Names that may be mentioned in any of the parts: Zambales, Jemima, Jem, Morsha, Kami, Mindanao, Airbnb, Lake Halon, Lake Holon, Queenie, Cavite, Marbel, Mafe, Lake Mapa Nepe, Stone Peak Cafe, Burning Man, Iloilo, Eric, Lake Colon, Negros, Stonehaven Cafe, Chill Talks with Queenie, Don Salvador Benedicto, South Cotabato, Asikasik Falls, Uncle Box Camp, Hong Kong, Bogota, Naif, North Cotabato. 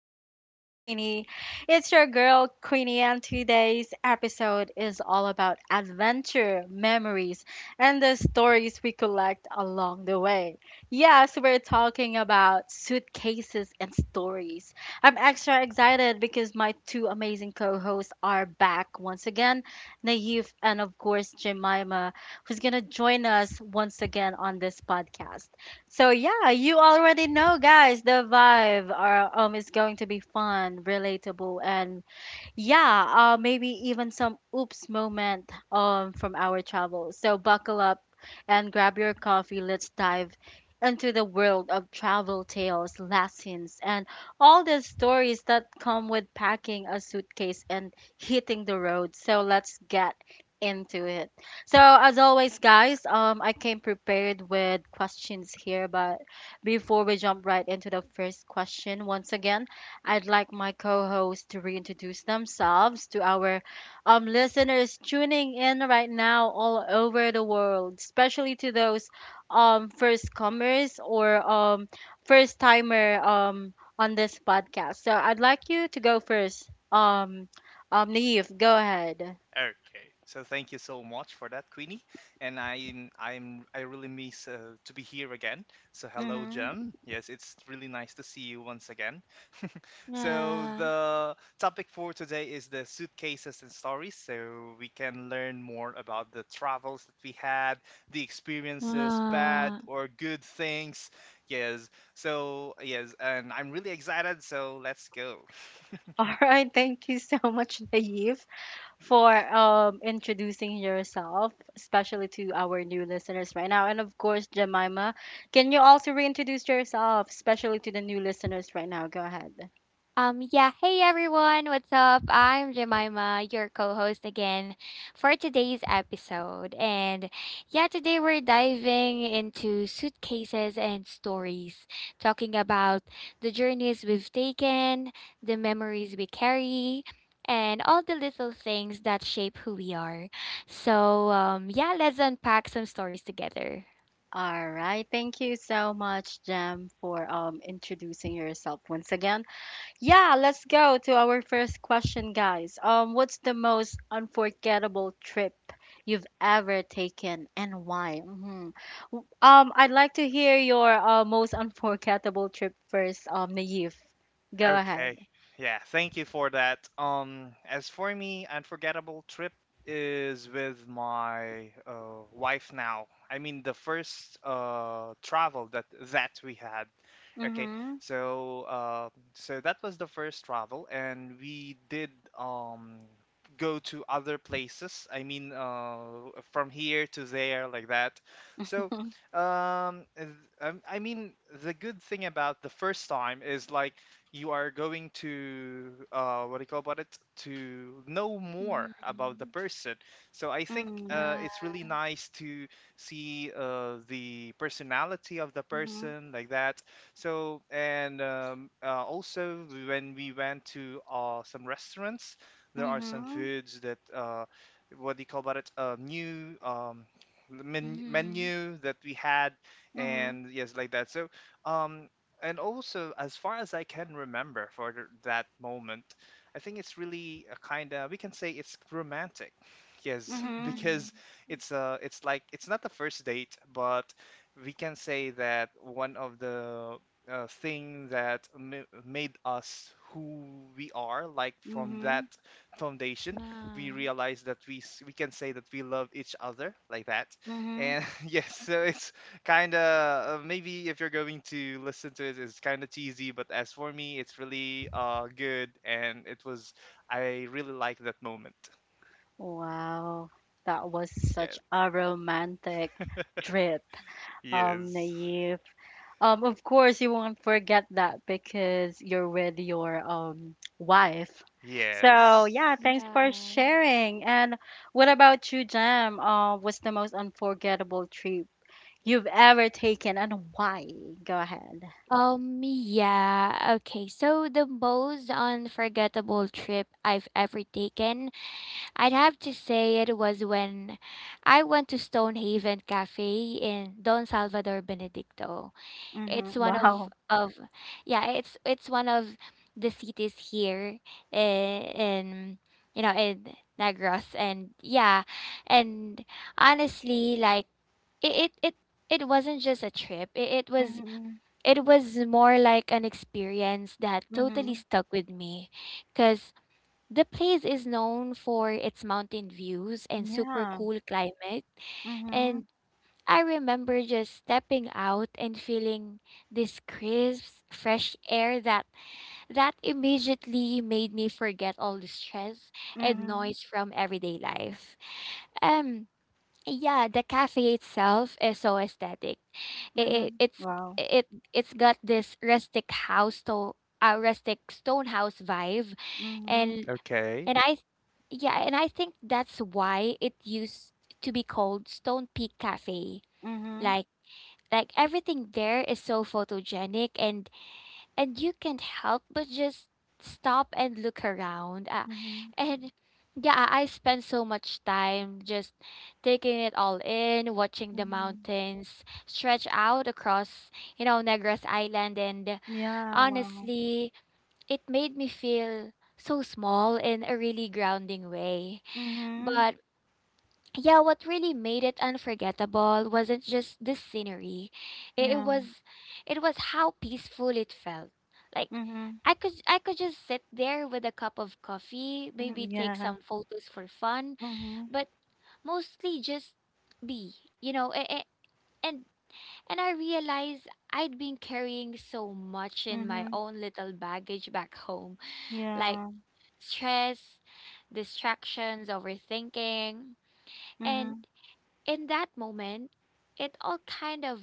Talks with Queenie. It's your girl Queenie, and today's episode is all about adventure, memories, and the stories we collect along the way. Yes, we're talking about suitcases and stories. I'm extra excited because my two amazing co hosts are back once again Naif and, of course, Jemima, who's gonna join us once again on this podcast. So yeah, you already know, guys, the vibe is going to be fun, relatable, and yeah, maybe even some oops moment from our travels. So buckle up and grab your coffee. Let's dive into the world of travel tales, lessons, and all the stories that come with packing a suitcase and hitting the road. So let's get into it. So as always, guys, I came prepared with questions here, but before we jump right into the first question, once again. I'd like my co hosts to reintroduce themselves to our listeners tuning in right now all over the world, especially to those first comers or first timer on this podcast. So I'd like you to go first. Naive, go ahead. Okay, so thank you so much for that, Queenie. And I really miss to be here again. So hello, Mhm. Jem. Yes, it's really nice to see you once again. So Nah, the topic for today is the suitcases and stories. So we can learn more about the travels that we had, the experiences, nah. bad or good things. Yes. So yes, and I'm really excited. So let's go. All right, thank you so much, Naive, for Yes. Introducing yourself, especially to our new listeners right now. And of course, Jemima, can you also reintroduce yourself, especially to the new listeners right now? Go ahead. Yeah, hey everyone, what's up? I'm Jemima, your co host again for today's episode. And yeah, today we're diving into suitcases and stories, talking about the journeys we've taken, the memories we carry, and all the little things that shape who we are. So, yeah, let's unpack some stories together. All right. Thank you so much, Jem, for introducing yourself once again. Yeah, let's go to our first question, guys. What's the most unforgettable trip you've ever taken, and why? I'd like to hear your most unforgettable trip first, Naive. Go ahead. Okay. Yeah, thank you for that. As for me, unforgettable trip is with my wife now. I mean, the first travel that we had. Okay, Mm-hmm. so so that was the first travel, and we did um go to other places. I mean, from here to there, like that. So, um, th- I mean, the good thing about the first time is like you are going to what do you call about it, to know more about the Mm-hmm. person. So I think Mm-hmm. Yeah. it's really nice to see the personality of the Mm-hmm. person, like that. So and also when we went to some restaurants, there are some Mm-hmm. foods that what do you call about it, new, Mm-hmm. menu that we had. Mm-hmm. And yes, like that. So um and also, as far as I can remember for that moment, I think it's really a kind of, we can say, it's romantic. Yes, Mm-hmm. because Mm-hmm. It's like, it's not the first date, but we can say that one of the thing that made us who we are, like from that Mm-hmm. foundation, Yeah. we realize that we can say that we love each other, like that. Mm-hmm. And yes, so it's kind of maybe if you're going to listen to it, it's kind of cheesy, but as for me it's really good, and it was, I really like that moment. Wow, that was Yeah. such a romantic trip, Yes. Naive. Of course you won't forget that because you're with your wife. Yes. So yeah, thanks for Yeah. sharing. And what about you, Jam? What's the most unforgettable trip you've ever taken and why? Go ahead. Yeah. Okay. So the most unforgettable trip I've ever taken, I'd have to say it was when I went to Stonehaven Cafe in Don Salvador Benedicto. Mm-hmm. It's one of Wow. of yeah, it's one of the cities here in you know, in Negros and yeah, and honestly like it it it, it wasn't just a trip. It was Mm-hmm. it was more like an experience that totally Mm-hmm. stuck with me because the place is known for its mountain views and super Yeah. cool climate. Mm-hmm. And I remember just stepping out and feeling this crisp, fresh air that immediately made me forget all the stress and Mm-hmm. noise from everyday life. Um yeah, the cafe itself is so aesthetic. It, it Mm-hmm. it's Wow. it it's got this rustic stone house vibe, Mm-hmm. and Okay. and I yeah, and I think that's why it used to be called Stone Peak Cafe. Mm-hmm. Like like everything there is so photogenic and you can't help but just stop and look around, Mm-hmm. and yeah, I spend so much time just taking it all in, watching the Mm-hmm. mountains stretch out across you know Negros island, and Yeah, wow. honestly it made me feel so small in a really grounding way. Mm-hmm. But yeah, what really made it unforgettable wasn't just the scenery. It Yeah. was it was how peaceful it felt. Like Mm-hmm. I could just sit there with a cup of coffee, maybe take Yeah. some photos for fun, Mhm, but mostly just be, you know, and and I realized I'd been carrying so much in my mhm, own little baggage back home, like yeah, stress, distractions, overthinking, and mhm, in that moment, it all kind of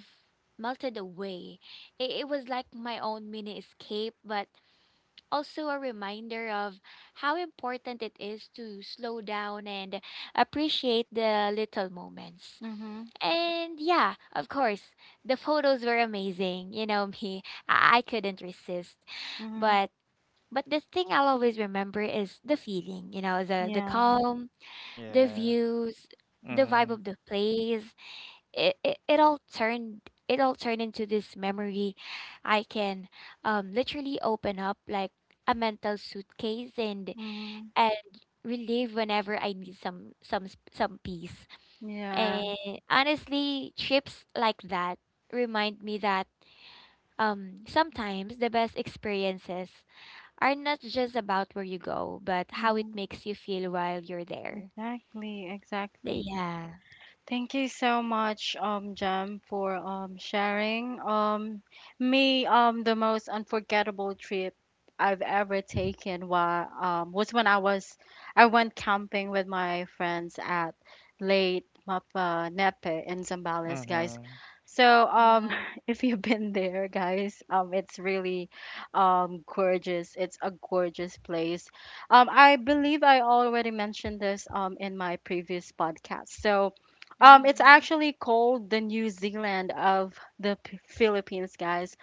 melted away. It was like my own mini escape, but also a reminder of how important it is to slow down and appreciate the little moments. mhm, And yeah, of course, the photos were amazing. You know me, I couldn't resist. mhm, But but the thing I'll always remember is the feeling, you know, the yeah, calm, the Yeah. views, the vibe Mm-hmm. of the place. It, it, it all turned it all turned into this memory I can literally open up like a mental suitcase mhm, and relive whenever I need some peace. yeah, And honestly trips like that remind me that sometimes the best experiences are not just about where you go but how it mhm, makes you feel while you're there. exactly, exactly. Yeah. Thank you so much, Jam, for sharing. Me, the most unforgettable trip I've ever taken wa was when I went camping with my friends at Lake Mapa Nepe in Zambales, guys. Mm-hmm. So, Yeah. if you've been there, guys, it's really gorgeous. It's a gorgeous place. I believe I already mentioned this in my previous podcast. So it's Mm-hmm. actually called the New Zealand of the P- Philippines, guys.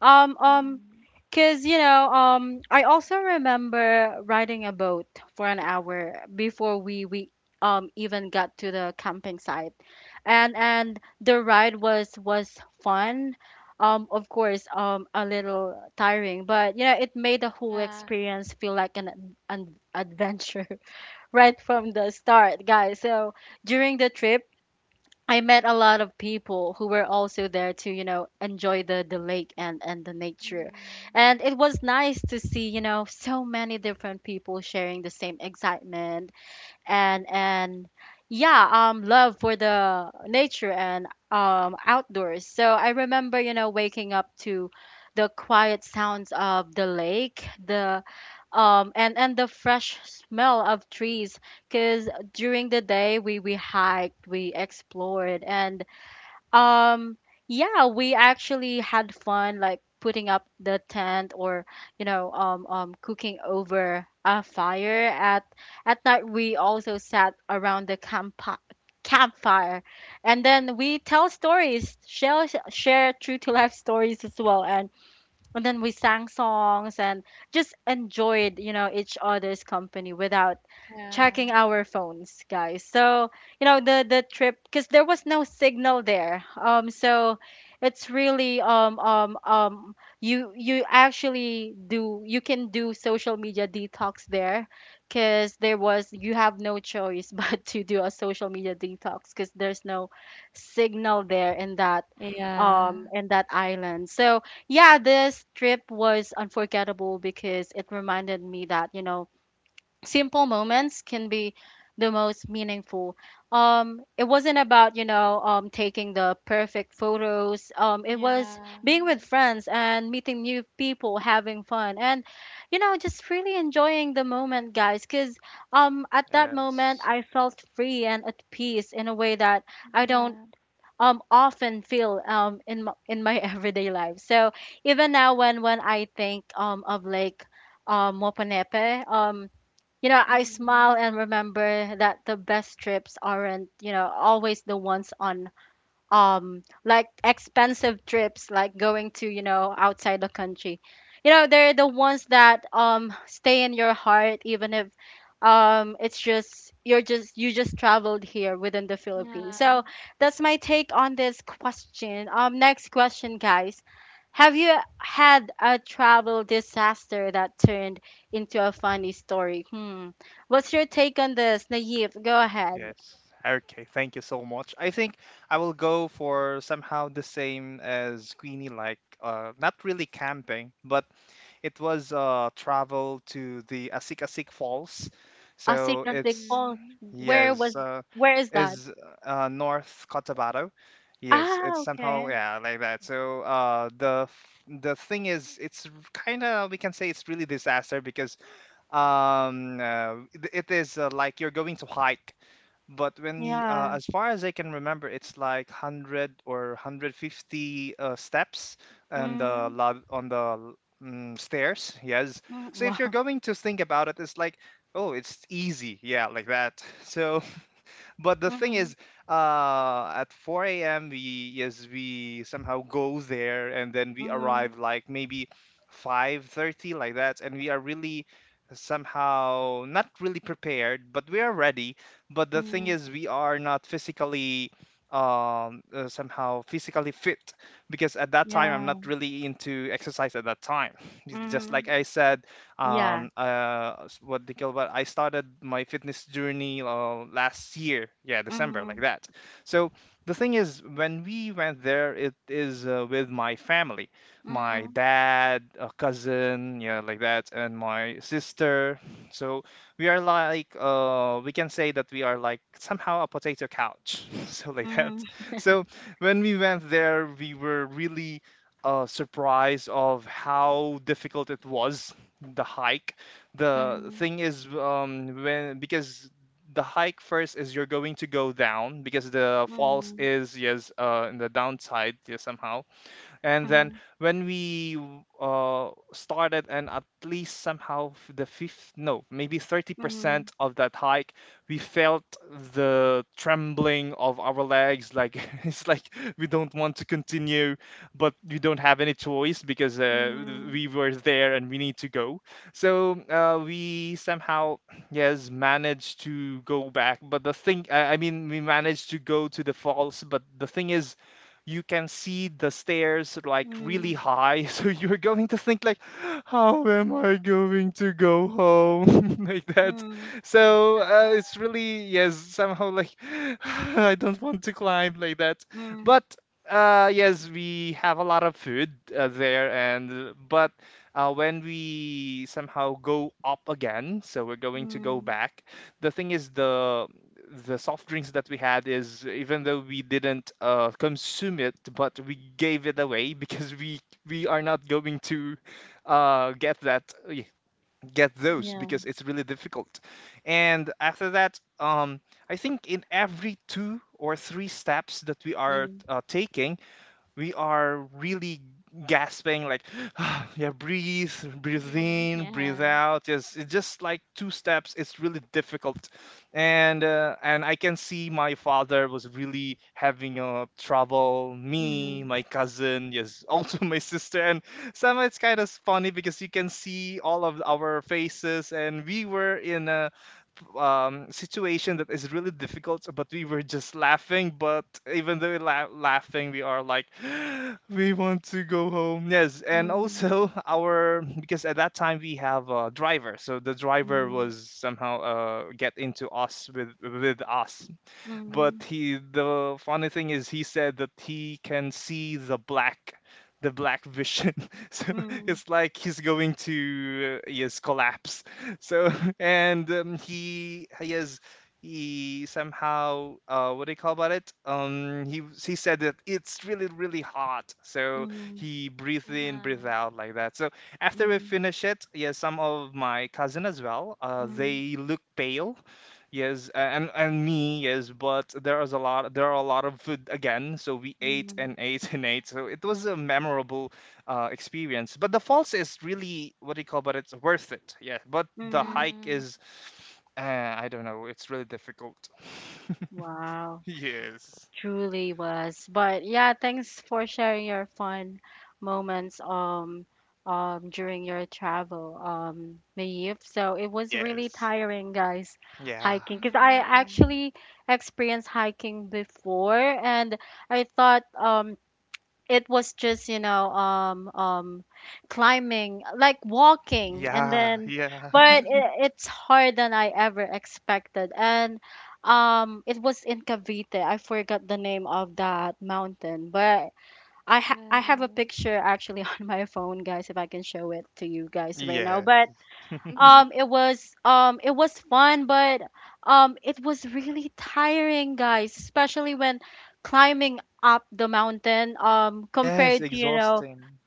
Um, um, Mm-hmm. cause you know, I also remember riding a boat for an hour before we even got to the camping site, and the ride was fun. Of course, a little tiring, but you know, it made the whole Yeah. experience feel like an adventure right from the start, guys. So during the trip I met a lot of people who were also there to, you know, enjoy the lake and the nature. Mm-hmm. And it was nice to see, you know, so many different people sharing the same excitement and yeah, love for the nature and outdoors. So I remember, you know, waking up to the quiet sounds of the lake, the and the fresh smell of trees because during the day we hiked we explored and um yeah we actually had fun like putting up the tent or you know cooking over a fire at night we also sat around the campfire and then we tell stories share true to life stories as well and then we sang songs and just enjoyed you know each other's company without Yeah. checking our phones guys. So you know the trip, because there was no signal there, so it's really you you actually do you can do social media detox there because there was you have no choice but to do a social media detox because there's no signal Mhm. there in Yeah. That island. So yeah, this trip was unforgettable because it reminded me that, you know, simple moments can be the most meaningful. It wasn't about, you know, taking the perfect photos. It was Yeah. being with friends and meeting new people, having fun, and, you know, just really enjoying the moment, guys. Because at that Yeah. moment, I felt free and at peace in a way that I don't Yeah. Often feel in my everyday life. So even now when I think of Lake Moponepe, you know I smile Mhm. and remember that the best trips aren't you know always the ones on like expensive trips like going to you know outside the country, you know they're the ones that stay in your heart even if it's just you're just you just traveled here within the Philippines. Yeah. So that's my take on this question. Um, next question, guys, have you had a travel disaster that turned into a funny story? What's your take on this, Naive? Go ahead. Yes. Okay. Thank you so much. I think I will go for somehow the same as Queenie, like not really camping, but it was travel to the Asikasik Falls. So Asikasik it's, Falls. Mhm. Where yes, was where is that? is North Cotabato. Yes, Ah, it's somehow, okay. yeah, like that. So the the thing is, it's kind of, we can say, it's really disaster because it is like you're going to hike. But when you, Yeah. as far as I can remember, it's like 100 or 150 steps, and the Mm-hmm. lot on the, stairs. Yes. mm So if you're Wow. going to think about it, it's like, oh, it's easy. Yeah, like that. So but the thing Mm-hmm. is, at 4 a.m. we, yes, we somehow go there and then we Mm-hmm. arrive like maybe 5:30, like that, and we are really somehow not really prepared, but we are ready. But the thing Mm-hmm. is, we are not physically, somehow physically fit, because at that time I'm not Yeah. really into exercise at that time. Just like Mm-hmm. I said, Yeah. What they call, what I started my fitness journey last year, yeah, December, Mm-hmm. like that. So the thing is when we went there, it is with my family, my dad, a cousin, yeah, like that, and my sister. So we are like we can say that we are like somehow a potato couch. So like that. Mm-hmm. So when we went there, we were really surprised of how difficult it was, the hike. The thing is when, because the hike first is you're going to go down, because the falls Mm-hmm. is, yes, in the downside, yeah, somehow. And then Mm-hmm. when we started, and at least somehow the fifth, no, maybe Mm-hmm. 30% of that hike, we felt the trembling of our legs, like, it's like we don't want to continue, but we don't have any choice because Mm-hmm. we were there and we need to go. So we somehow yes managed to go back. But the thing I mean, we managed to go to the falls, but the thing is, you can see the stairs like Mm-hmm. really high. So you're going to think like, how am I going to go home? Like that. Mm-hmm. So Yeah. It's really, yes, somehow like, I don't want to climb, like that. Mm-hmm. But yes, we have a lot of food there. And but when we somehow go up again, so we're going to go Mm-hmm. back, the thing is, the soft drinks that we had is, even though we didn't consume it, but we gave it away, because we are not going to uh, get that get those, Yeah. because Mhm. it's really difficult. And after that, I think in every two or three steps that we are Mm-hmm. Taking, we are really gasping, like, yeah, breathe, breathe Mhm. in, breathe Yeah. out. Just, it's just like two steps, it's really difficult. And and I can see my father was really having trouble, Mm-hmm. me, my cousin, yes, also, my sister. And somehow it's kind of funny, because you can see all of our faces, and we were in a situation that is really difficult, but we were just laughing. But even though laughing, we are like, we want to go home. Yes. And Mm-hmm. also, our, because at that time we have a driver, so the driver was somehow get into us, with us. But Mm-hmm. he, Mhm. the funny thing is, he said that he can see the black, the black vision. So Mm-hmm. it's like he's going to, yes, collapse. So and Mhm. he has, he somehow what do you call about it, he said that it's really, really hot. So Mm-hmm. he breathed in, breathe Uh-huh. out, like that. So after we finish it, yeah, some of my cousin as well, Mm-hmm. they look pale. Yes. And me, yes, but there was a lot, there are a lot of food again, so we ate Mm-hmm. and ate and ate. So it was a memorable experience. But the falls is really, what do you call, but it's worth it. Yeah, but the Mm-hmm. hike Mhm. is, I don't know, it's really difficult. Wow. Yes. Truly was. But yeah, thanks for sharing your fun moments during your travel, Maeve. So it was really Yes. tiring, guys, Yeah. hiking. Because I Yeah. actually experienced hiking before and I thought it was just you know climbing like walking and Yeah. then Yeah. but it, Mhm. it's harder than I ever expected and it was in Cavite. I forgot the name of that mountain, but i ha- Yeah. i have a picture actually on my phone, guys, if I can show it to you guys right now. Yeah. But Mhm. It was fun, but it was really tiring, guys, especially when climbing up the mountain Yes, compared to you know exhausting.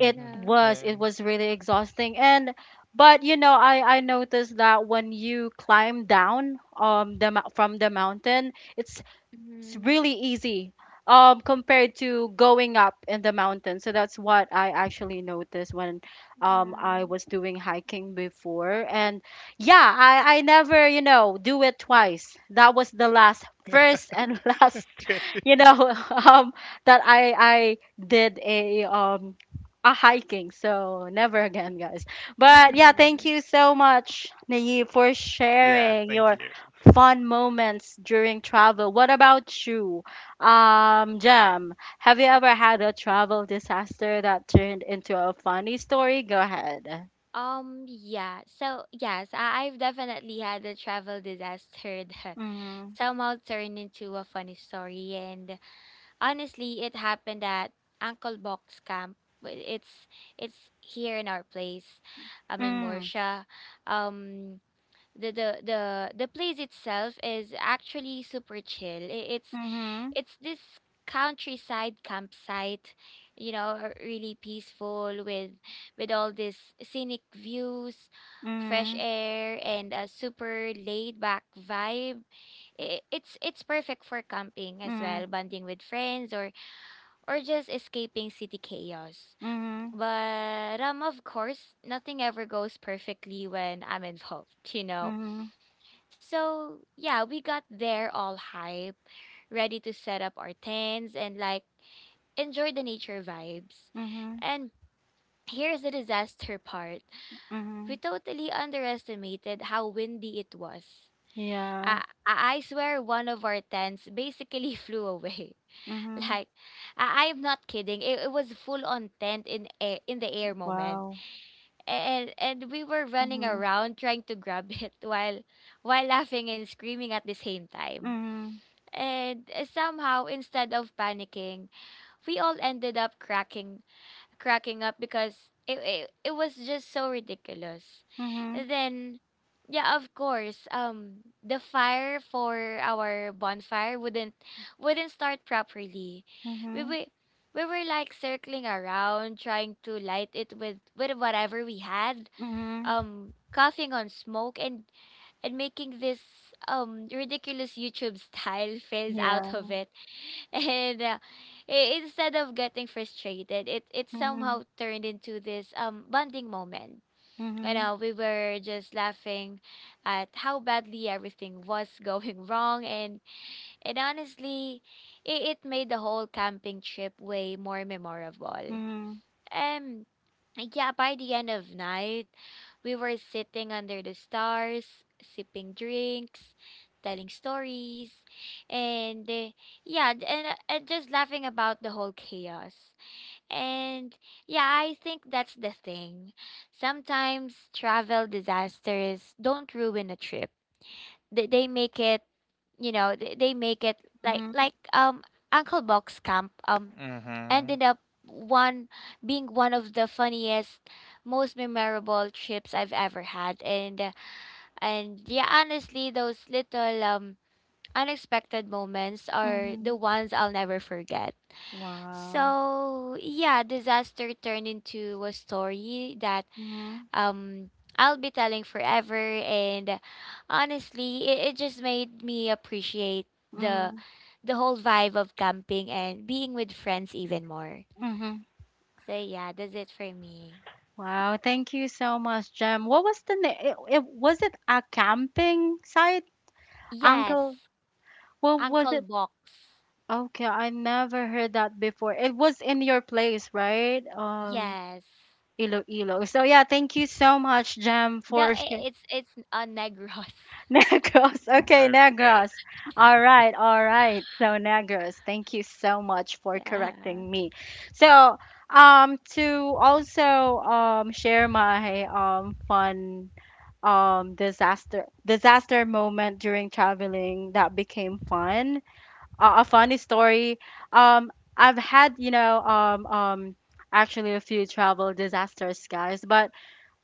Yeah. Yeah. it was really exhausting. And but you know I noticed that when you climb down from the mountain it's Mhm. really easy compared to going up in the mountain. So that's what I actually noticed when Yeah. I was doing hiking before. And yeah, I never you know do it twice. That was the last first and last, you know, um that I did a hiking. So never again, guys. But yeah, thank Mhm. you so much, Naive, for Yeah, sharing thank your you. fun moments during travel. What about you, Jam? Have you ever had a travel disaster that turned into a funny story? Go ahead. Yeah. So, yes, I've definitely had a travel disaster that Mm-hmm. somehow turned into a funny story. And honestly, it happened at Uncle Box Camp. Wi- It's it's here in our place, in Mm-hmm. Morsha. Um, the the place itself is actually super chill. Mm-hmm. It's this countryside campsite, you know, really peaceful with all these scenic views, fresh air, and a super laid back vibe. It's perfect for camping as well, Mm-hmm. bonding with friends, or just escaping city chaos. Mm-hmm. But of course nothing ever goes perfectly when I'm involved, you know. Mm-hmm. Mm-hmm. So, yeah, we got there all hype, ready to set up our tents and like enjoy the nature vibes. Mm-hmm. And here's the disaster part. We Mm-hmm. totally underestimated how windy it was. Yeah. I I swear one of our tents basically flew away. Mm-hmm. Like, I'm not kidding. It was full on tent in air, in the air moment. Wow. And we were running Mhm. around trying to grab it while laughing and screaming at the same time. Mhm. And somehow, instead of panicking, we all ended up cracking up because it was just so ridiculous. Mhm. And then, yeah, of course, the fire for our bonfire wouldn't start properly. We Mhm. we, we were like circling around, trying to light it with whatever we had, Mhm. Coughing on smoke and making this ridiculous YouTube style fizz out of Yeah. it. And instead of getting frustrated, it Mhm. somehow turned into this bonding moment. You Mhm. know, we were just laughing at how badly everything was going wrong, and honestly, it made the whole camping trip way more memorable. Mhm. Um, yeah, by the end of night, we were sitting under the stars, sipping drinks, telling stories, and and just laughing about the whole chaos. And yeah, I think that's the thing. Sometimes travel disasters don't ruin a trip. They make it, you know, they make it like Mhm. like Uncle Box Camp ended Mhm. up one being one of the funniest, most memorable trips I've ever had. And yeah, honestly, those little unexpected moments are the Mhm. ones I'll never forget. Wow. So yeah, disaster turned into a story that Mhm. um I'll be telling forever, and honestly it just made me appreciate the Mhm. the whole vibe of camping and being with friends even more. Mhm. So yeah, that's it for me. Wow. Thank you so much, Jem. What was the name? It was it a camping site, Yes, Uncle? What was Uncle it? Box. Okay, I never heard that before. It was in your place, right? Yes. Iloilo. So yeah, thank you so much, Jem, No, for sharing. It's a Negros. Negros. Okay, Okay. Negros. All right, all right. So Negros, thank you so much for Yeah. correcting me. So, to also share my fun disaster disaster moment during traveling that became fun. A funny story. I've had you know actually a few travel disasters, guys, but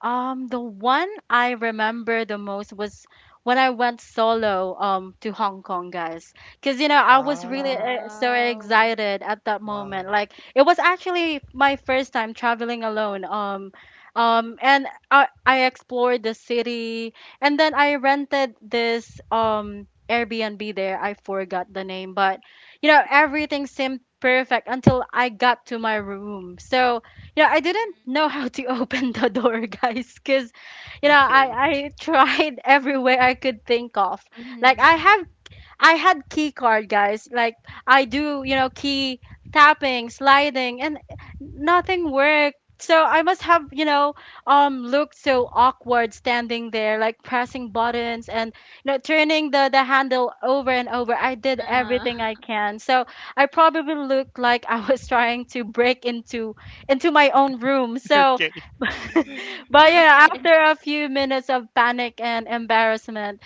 the one I remember the most was when I went solo to Hong Kong, guys. Because you know I was really Wow. So Wow. excited at that Wow. moment. Like it was actually my first time traveling alone. And I explored the city, and then I rented this Airbnb there. I forgot the name, but you know everything seemed perfect until I got to my room. So yeah, I didn't know how to open the door, guys, because you know, I Okay. I tried every way I could think of. Like I Mm-hmm. have I had key card, guys. Like I do, you know, key tapping, sliding, and nothing worked. So I must have, you know, looked so awkward standing there, like pressing buttons and you know turning the handle over and over. I did Uh-huh. everything I can. So I probably looked like I was trying to break into my own room. So, Okay. but Mm-hmm. yeah, after a few minutes of panic and embarrassment,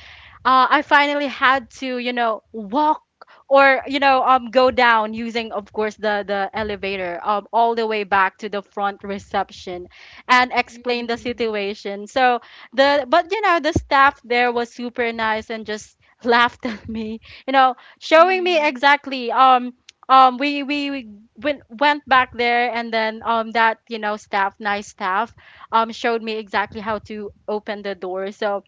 I finally had to, you know, walk or you know, go down using, of course, the elevator, all the way back to the front reception, and explain the Mm-hmm. situation. So the but the staff there was super nice and just laughed at me, you know, showing me Mm-hmm. exactly. We went back there, and then that you know staff, nice staff, showed me exactly how to open the door. So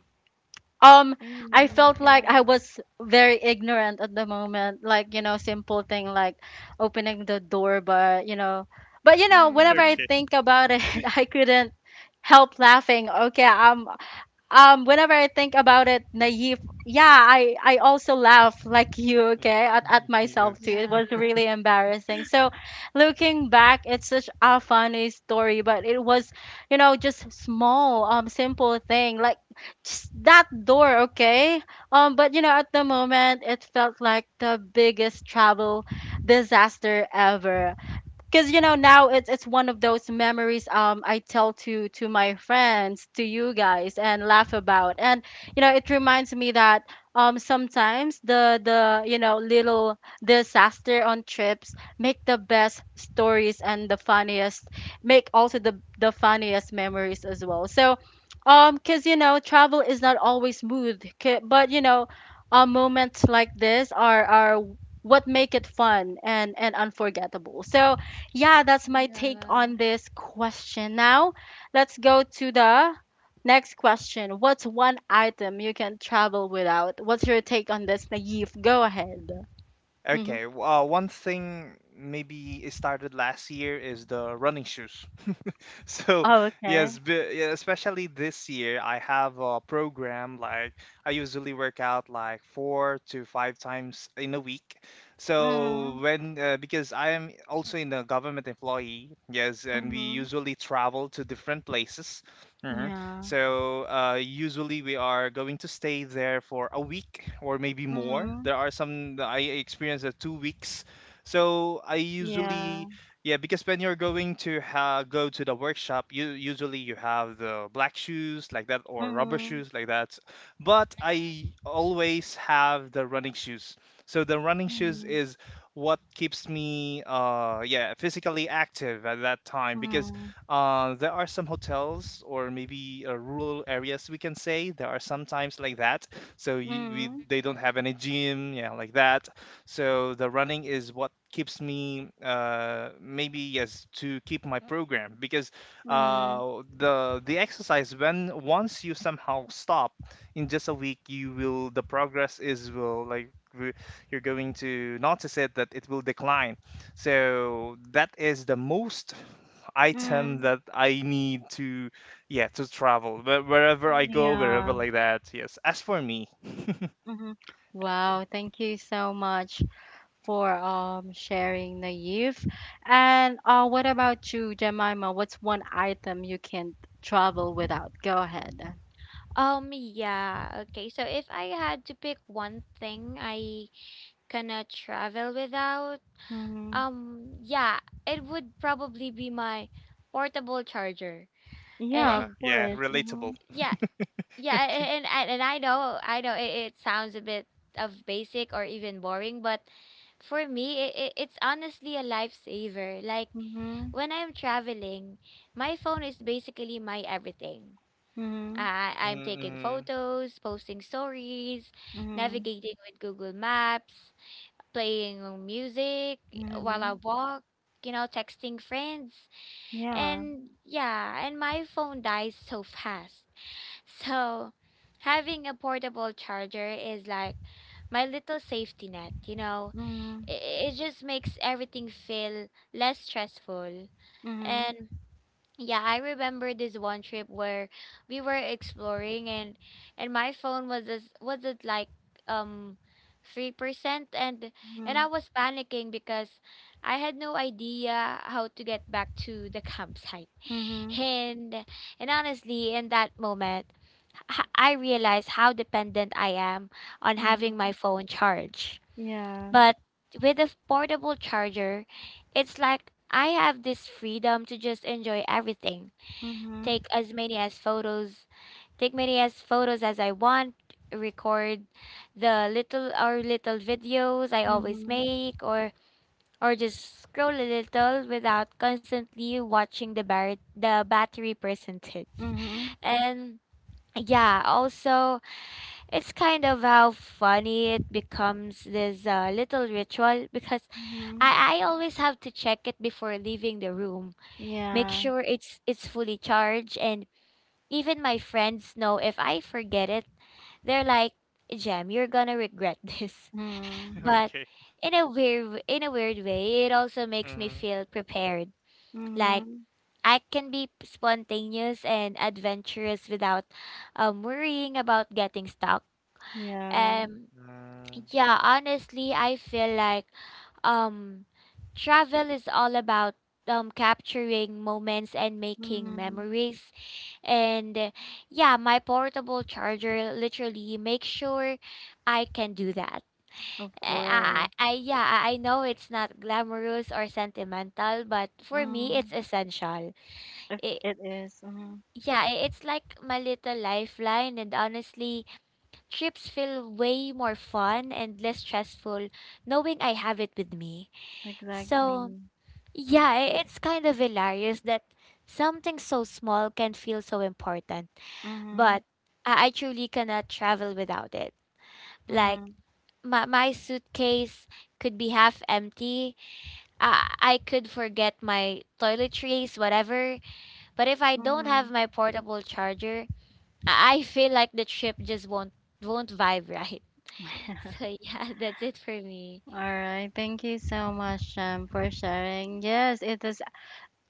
um, I Mm-hmm. felt like Yeah. I was very ignorant at the moment. Like, simple thing like opening the door, but whenever I Mm-hmm. think about it, I couldn't help laughing. Okay, I'm whenever I think about it, Naive, yeah, I also laugh like you, okay, at myself too. Yes. It Yeah. was really embarrassing. So looking back, it's such a funny story, but it was, just small, simple thing like just that door, okay? But at the moment, it felt like the biggest travel disaster ever, because now it's one of those memories. I tell to my friends, to you guys, and laugh about, and it reminds me that sometimes the little disaster on trips make the best stories, and the funniest, make also the funniest memories as well. So because travel is not always smooth, but moments like this are what make it fun and unforgettable. So yeah, that's my take on Yeah. this question. Now, let's go to the next question. What's one item you can travel without? What's your take on this, Naive? Go ahead. Mm-hmm. Okay. One thing, maybe it started last year, is the running shoes. So Oh, okay. yes, yeah, especially this year, I have a program, like I usually work out like four to five times in a week. Mm-hmm. So when, because I am also in a government employee, yes, and we Mm-hmm. usually travel to different places. Yeah. So usually we are going to stay there for a week or maybe more. Mm-hmm. There are some that I experienced at 2 weeks. So I Yeah. usually, yeah, because when you're going to go to the workshop, you usually, you have the black shoes, like that, or rubber Mm-hmm. shoes, like that. But Yeah. I always have the running shoes. So the running shoes Mm-hmm. is what keeps me yeah physically active at that time, because Mm-hmm. There are some hotels or maybe rural areas, we can say, there are sometimes, like that. So Mm-hmm. they don't have any gym, yeah, like that. So the running is what keeps me maybe, yes, to keep my program, because Mm-hmm. the the exercise, when once you somehow stop in just a week, you will, the progress is, will, like, you're going to notice it that it will decline. So that is the most item Mm-hmm. that I need to, yeah, to travel. Wherever I go, Mm-hmm. wherever, Yeah. like that, yes, as for me. Okay. Mm-hmm. Wow, thank you so much for sharing, Naive. And what about you, Jemima? What's one item you can't travel without? Go ahead. Yeah. Okay. So if I had to pick one thing I cannot travel without, Mm-hmm. um, yeah, it would probably be my portable charger. Yeah, of Wow, And yeah, course. Mm-hmm. relatable. yeah, yeah, and I know it sounds a bit of basic or even boring, but for me, it's honestly a lifesaver. Like Mm-hmm. when I'm traveling, my phone is basically my everything. I'm taking Mm-hmm. photos, posting stories, Mm-hmm. Mm-hmm. navigating with Google Maps, playing music while I Mm-hmm. walk, you know, texting friends. Yeah. And yeah, and my phone dies so fast. So having a portable charger is like my little safety net, you know. Mm-hmm. It just makes everything feel less stressful. Mm-hmm. Yeah, I remember this one trip where we were exploring and my phone was as was it like um 3% and and I Mm-hmm. was panicking because I had no idea how to get back to the campsite. Mm-hmm. And and honestly, in that moment, I realized how dependent I am on having Mm-hmm. my phone charged. Yeah. But with a portable charger, it's like I have this freedom to just enjoy everything, Mm-hmm. take as many as photos take many as photos as I want, record the little or little videos I always Mm-hmm. make, or just scroll a little without constantly watching the battery percentage. Mm-hmm. And yeah, also it's kind of how funny it becomes this little ritual because Mm-hmm. I always have to check it before leaving the room, make Yeah. sure it's fully charged, and even my friends know if I forget it, they're like, "Jam, you're gonna regret this." Mm-hmm. But Okay. In a weird way, it also makes me Mm-hmm. feel prepared. Like Mm-hmm. I can be spontaneous and adventurous without um worrying about getting stuck. Yeah. Um, Mm-hmm. yeah, honestly, I feel like um travel is all about um capturing moments and making Mm-hmm. memories. And yeah, my portable charger literally makes sure I can do that. Of course. I yeah, I know it's not glamorous or sentimental, but for me, Mm-hmm. it's essential. If It, it is, mhm, yeah, it's like my little lifeline, and honestly, trips feel way more fun and less stressful knowing I have it with me. exactly. So, yeah, it's kind of hilarious that something so small can feel so important, Mhm. but I truly cannot travel without it. Like Mhm. my suitcase could be half empty. I could forget my toiletries, whatever. But if I don't have Mhm. my portable charger, I feel like the trip just won't vibe right. So yeah, that's it for me. All right, thank you so much, for sharing. Yes, it is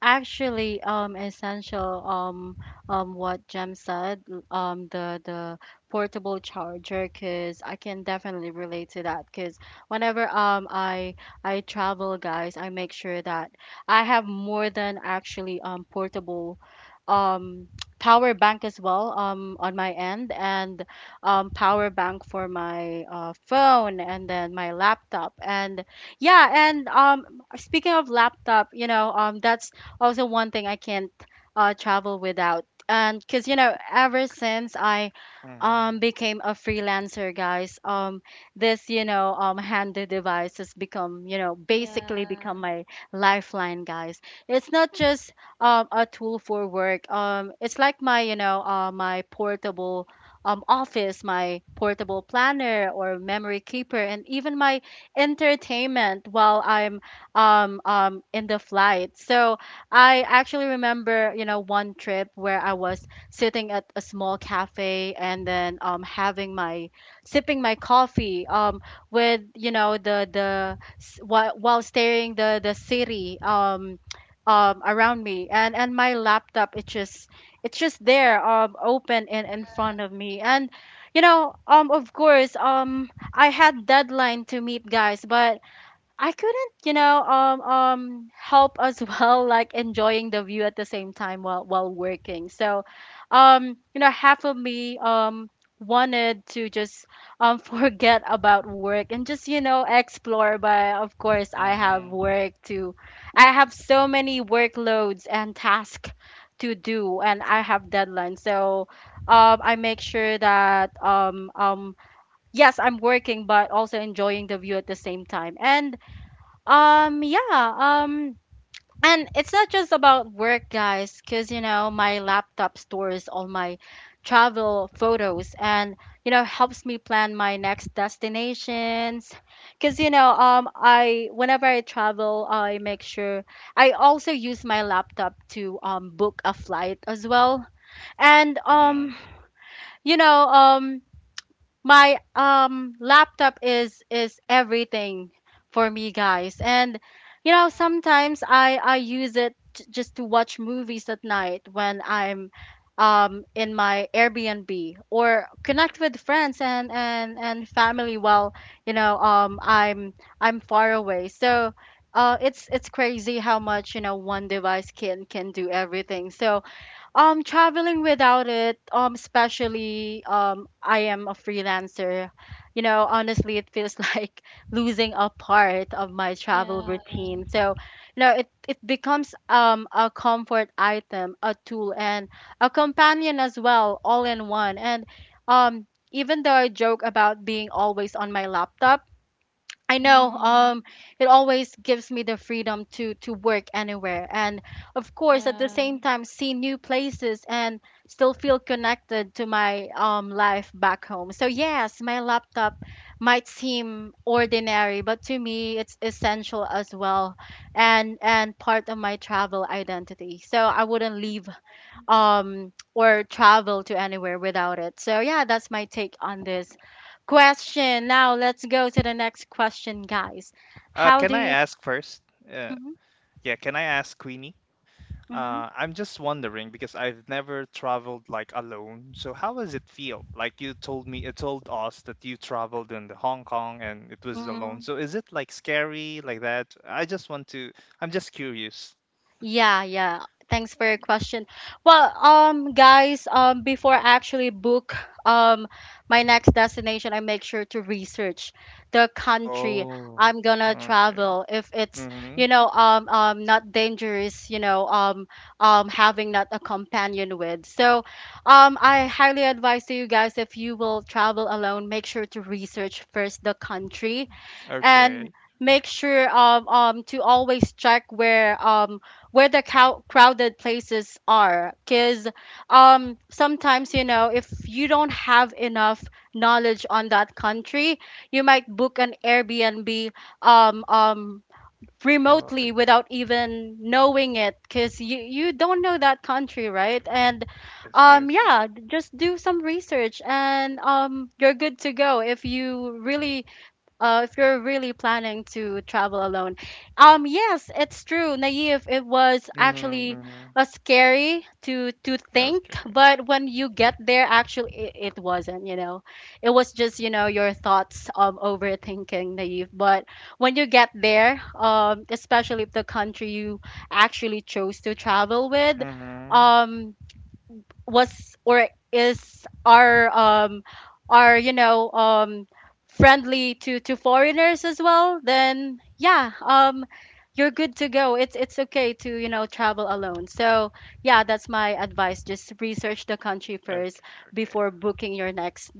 actually essential, what Jem said, the portable charger, because I can definitely relate to that, because whenever I travel, guys, I make sure that I have more than actually portable um power bank as well, on my end, and power bank for my phone, and then my laptop. And yeah, and speaking of laptop, that's also one thing I can't travel without. And because, ever since I became a freelancer, guys, this, handy device has become, basically Yeah. become my lifeline, guys. It's not just a tool for work. It's like my portable office, my portable planner or memory keeper, and even my entertainment while I'm in the flight. So I actually remember, one trip where I was sitting at a small cafe and then having my sipping my coffee, with the while staring the city, around me. And my laptop, it's just there, open in front of me. And of course, I had deadline to meet, guys, but I couldn't, help as well, like enjoying the view at the same time while working. So, half of me wanted to just forget about work and just explore. But of course, Mm-hmm. I have so many workloads and tasks to do, and I have deadlines. So, I make sure that yes, I'm working, but also enjoying the view at the same time. And um, yeah, um, it's not just about work, guys, because my laptop stores all my travel photos, and helps me plan my next destinations. Because I whenever I travel, I make sure I also use my laptop to book a flight as well. And Mm-hmm. You know, um, my laptop is everything for me, guys. And sometimes I use it, just to watch movies at night when I'm in my Airbnb, or connect with friends, and family, while you know um i'm I'm far away. So it's crazy how much, one device can do everything. So traveling without it, especially I am a freelancer. Honestly, it feels like losing a part of my travel Yeah. Yeah. routine. So, it becomes a comfort item, a tool, and a companion as well, all in one. And um, even though I joke about being always on my laptop, I know. Mm-hmm. It always gives me the freedom to work anywhere, and of course, at the Yeah. same time, see new places and still feel connected to my life back home. So yes, my laptop might seem ordinary, but to me, it's essential as well, and part of my travel identity. So I wouldn't leave or travel to anywhere without it. So yeah, that's my take on this question. Now let's go to the next question, guys. How Can do I you? ask first, uh, Mm-hmm. yeah, can I ask Queenie, Mm-hmm. I'm just wondering, because I've never traveled like alone. So how does it feel? Like you told me, it told us that you traveled in the Hong Kong and it was alone. Mm-hmm. So is it like scary, like that? I just want to. I'm just curious. Yeah, yeah. Thanks for your question. Well, guys, before I actually book um my next destination, I make sure to research the country Oh. I'm gonna travel. If it's, Mm-hmm. Not dangerous, having not a companion with. So, I Yeah. highly advise to you guys, if you will travel alone, make sure to research first the country, and Okay. make sure to always check where the crowded places are, because sometimes, if you don't have enough knowledge on that country, you might book an Airbnb um um Uh, remotely without even knowing it, because you don't know that country, right? And yes. Yes. yeah, just do some research, and you're good to go, if you're really planning to travel alone. Yes, it's true, Naive. It was Mm-hmm, actually mm-hmm. Scary to think, Okay. but when you get there, actually, it wasn't. It was just your thoughts of overthinking, Naive. But when you get there, especially if the country you actually chose to travel with, Mm-hmm. um, was or is, are friendly to foreigners as well, then yeah, you're good to go. It's okay to, travel alone. So yeah, that's my advice. Just research the country first Okay. before booking your next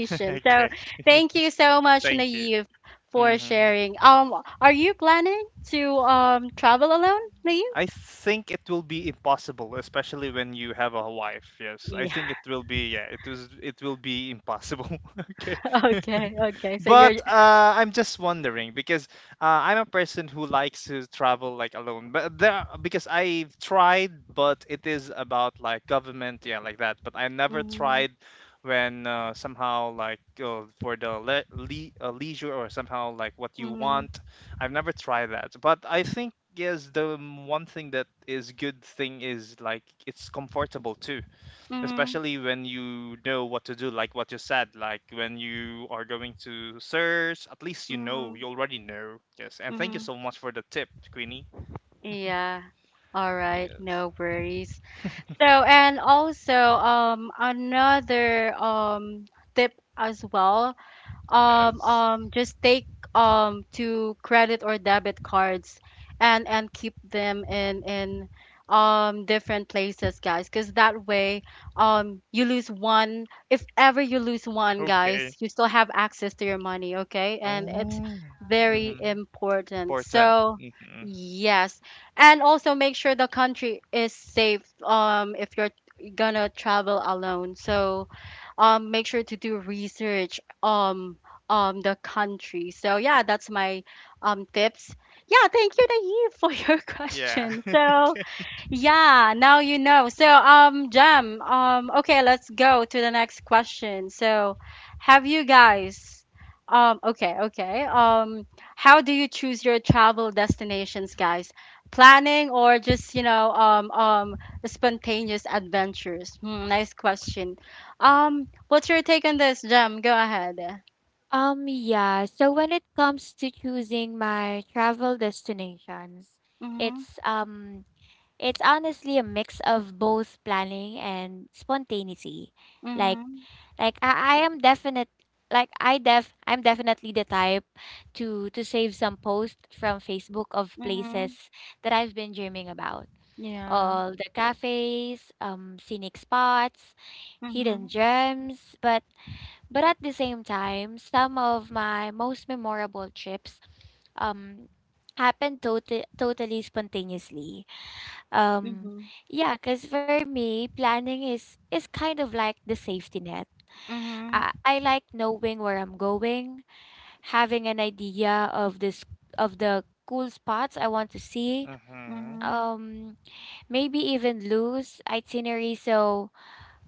So Okay. thank you so much, Thank you. Naive, for Mm-hmm. sharing. Are you planning to travel alone, Naive? I think it will be impossible, especially when you have a wife. Yes, I Yeah. think it will be. Yeah, it was. It will be impossible. Okay. Okay, okay. So you're But I'm just wondering, because I'm a person who likes to travel like alone. But there, because I've tried, but it is about like government, yeah, like that. But I never tried when somehow, like, for the leisure or somehow like what you Mhm. want. I've never tried that, but I think yes, one thing that is good thing is like it's comfortable too, Mhm. especially when you know what to do, like what you said, like when you are going to search, at least you know, Mhm. you already know. Yes, and thank you Mhm. so much for the tip, Queenie. Yeah. All right, Yes, no worries. So, and also another tip as well, yes, just take to credit or debit cards, and keep them in different places, guys, because that way, you lose one if ever you lose one, guys, okay. you still have access to your money, okay? And it's Oh, very mm-hmm. important. Important. So hmm yes, and also make sure the country is safe, if you're gonna travel alone. So make sure to do research, the country. So yeah, that's my tips. Yeah, thank you, Naive, for your yeah. question. So yeah, now you know. So Jam, okay, let's go to the next question. So have you guys okay, okay. How do you choose your travel destinations, guys? Planning or just, spontaneous adventures? Hmm, nice question. What's your take on this, Jam? Go ahead. Yeah. So when it comes to choosing my travel destinations, Mm-hmm. it's um it's honestly a mix of both planning and spontaneity. Like Mhm. like I am definite like I def I'm definitely the type to save some posts from Facebook of Mhm. places that I've been dreaming about. Yeah. All the cafes, scenic spots, Mhm. hidden gems, but at the same time, some of my most memorable trips um happened totally spontaneously. Um Mhm. yeah, cuz for me, planning is kind of like the safety net. Mhm. I like knowing where I'm going, having an idea of this of the cool spots I want to see. hmm Mhm. Um, maybe even loose itinerary so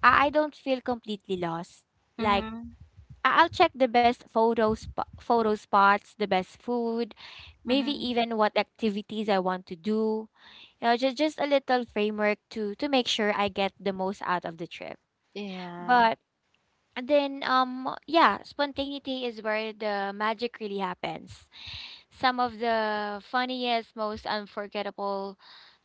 I don't feel completely lost. Like Mhm. I'll check the best photos, photo spots, the best food, maybe Mhm. even what activities I want to do. You know, just a little framework to make sure I get the most out of the trip. Yeah. But then yeah, spontaneity is where the magic really happens. Some of the funniest, most unforgettable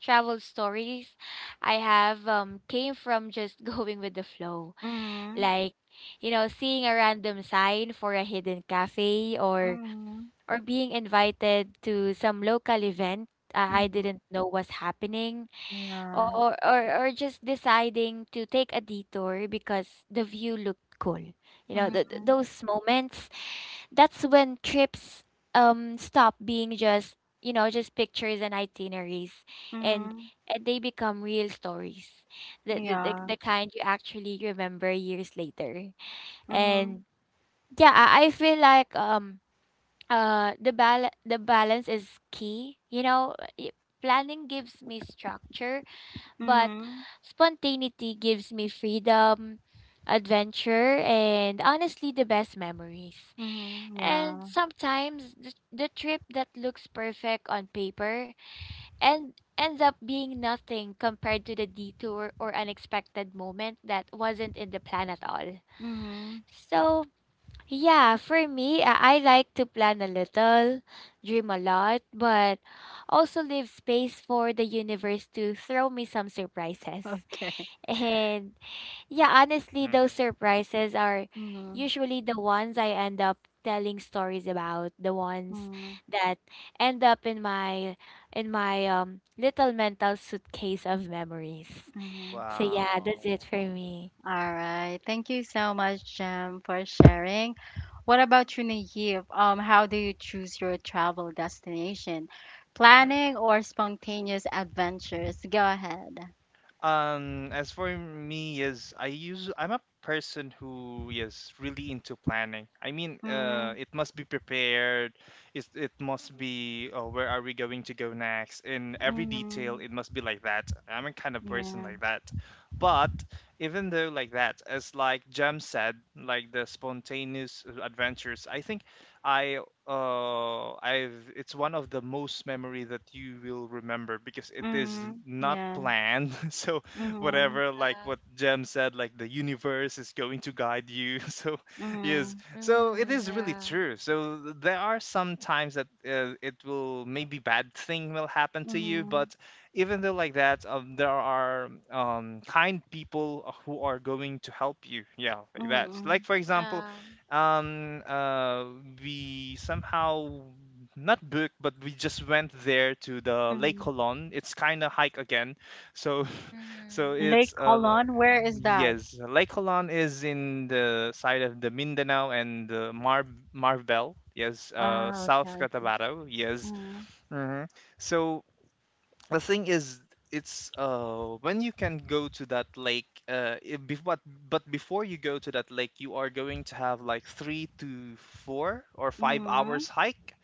travel stories I have came from just going with the flow, Mhm. like you know seeing a random sign for a hidden cafe, Mhm. or being invited to some local event I Mhm. didn't know was happening, Yeah. or, or or just deciding to take a detour because the view looked cool. You know Mhm. those moments, that's when trips stop being just you know just pictures and itineraries, and Mhm. and they become real stories, the the, the, Yeah. the kind you actually remember years later. Mhm. And yeah, I feel like the balance is key. You know, planning gives me structure, but Mhm. spontaneity gives me freedom, adventure, and honestly the best memories. Mhm. And Yeah. sometimes the trip that looks perfect on paper and ends up being nothing compared to the detour or unexpected moment that wasn't in the plan at all. Mhm. So, yeah, for me, I like to plan a little, dream a lot, but also leave space for the universe to throw me some surprises. Okay. And yeah, honestly, those hmm surprises are Mhm. usually the ones I end up telling stories about, the ones Mhm. that end up in my little mental suitcase of memories. Mhm. So yeah, wow. that's it for me. All right. Thank you so much, Jem, for sharing. What about you, Naive? How do you choose your travel destination? Planning or spontaneous adventures? Go ahead. As for me, yes, I use. I'm a person who is really into planning. I mean, Mm-hmm. It must be prepared. It must be. Oh, where are we going to go next? In every detail, Mm-hmm. it must be like that. I'm a kind of person Yeah. like that. But even though like that, as like Jam said, like the spontaneous adventures, I think I I've it's one of the most memory that you will remember because it is Mm-hmm. not Yeah. planned. So Mm-hmm. whatever like Yeah. what Jem said, like the universe is going to guide you. So Mm-hmm. yes, so it Mm-hmm. is really Yeah. true. So there are some times that it will maybe bad thing will happen to you. Mm-hmm. But even though like that, there are kind people who are going to help you, yeah, like that, Mm-hmm. like for example. Yeah. um uh we somehow not booked, but we just went there to the Lake Mm-hmm. Colon. It's kind of hike again. So so Mm-hmm. Lake it's Colon, where is that? yes, the Lake Colon is in the side of the Mindanao and the Marbel. Yes, Ah, South okay. Cotabato. Yes. Mm-hmm. hmm so the thing is, it's when you can go to that lake, but before you go to that lake, you are going to have like three to four or five Mm-hmm. hours hike.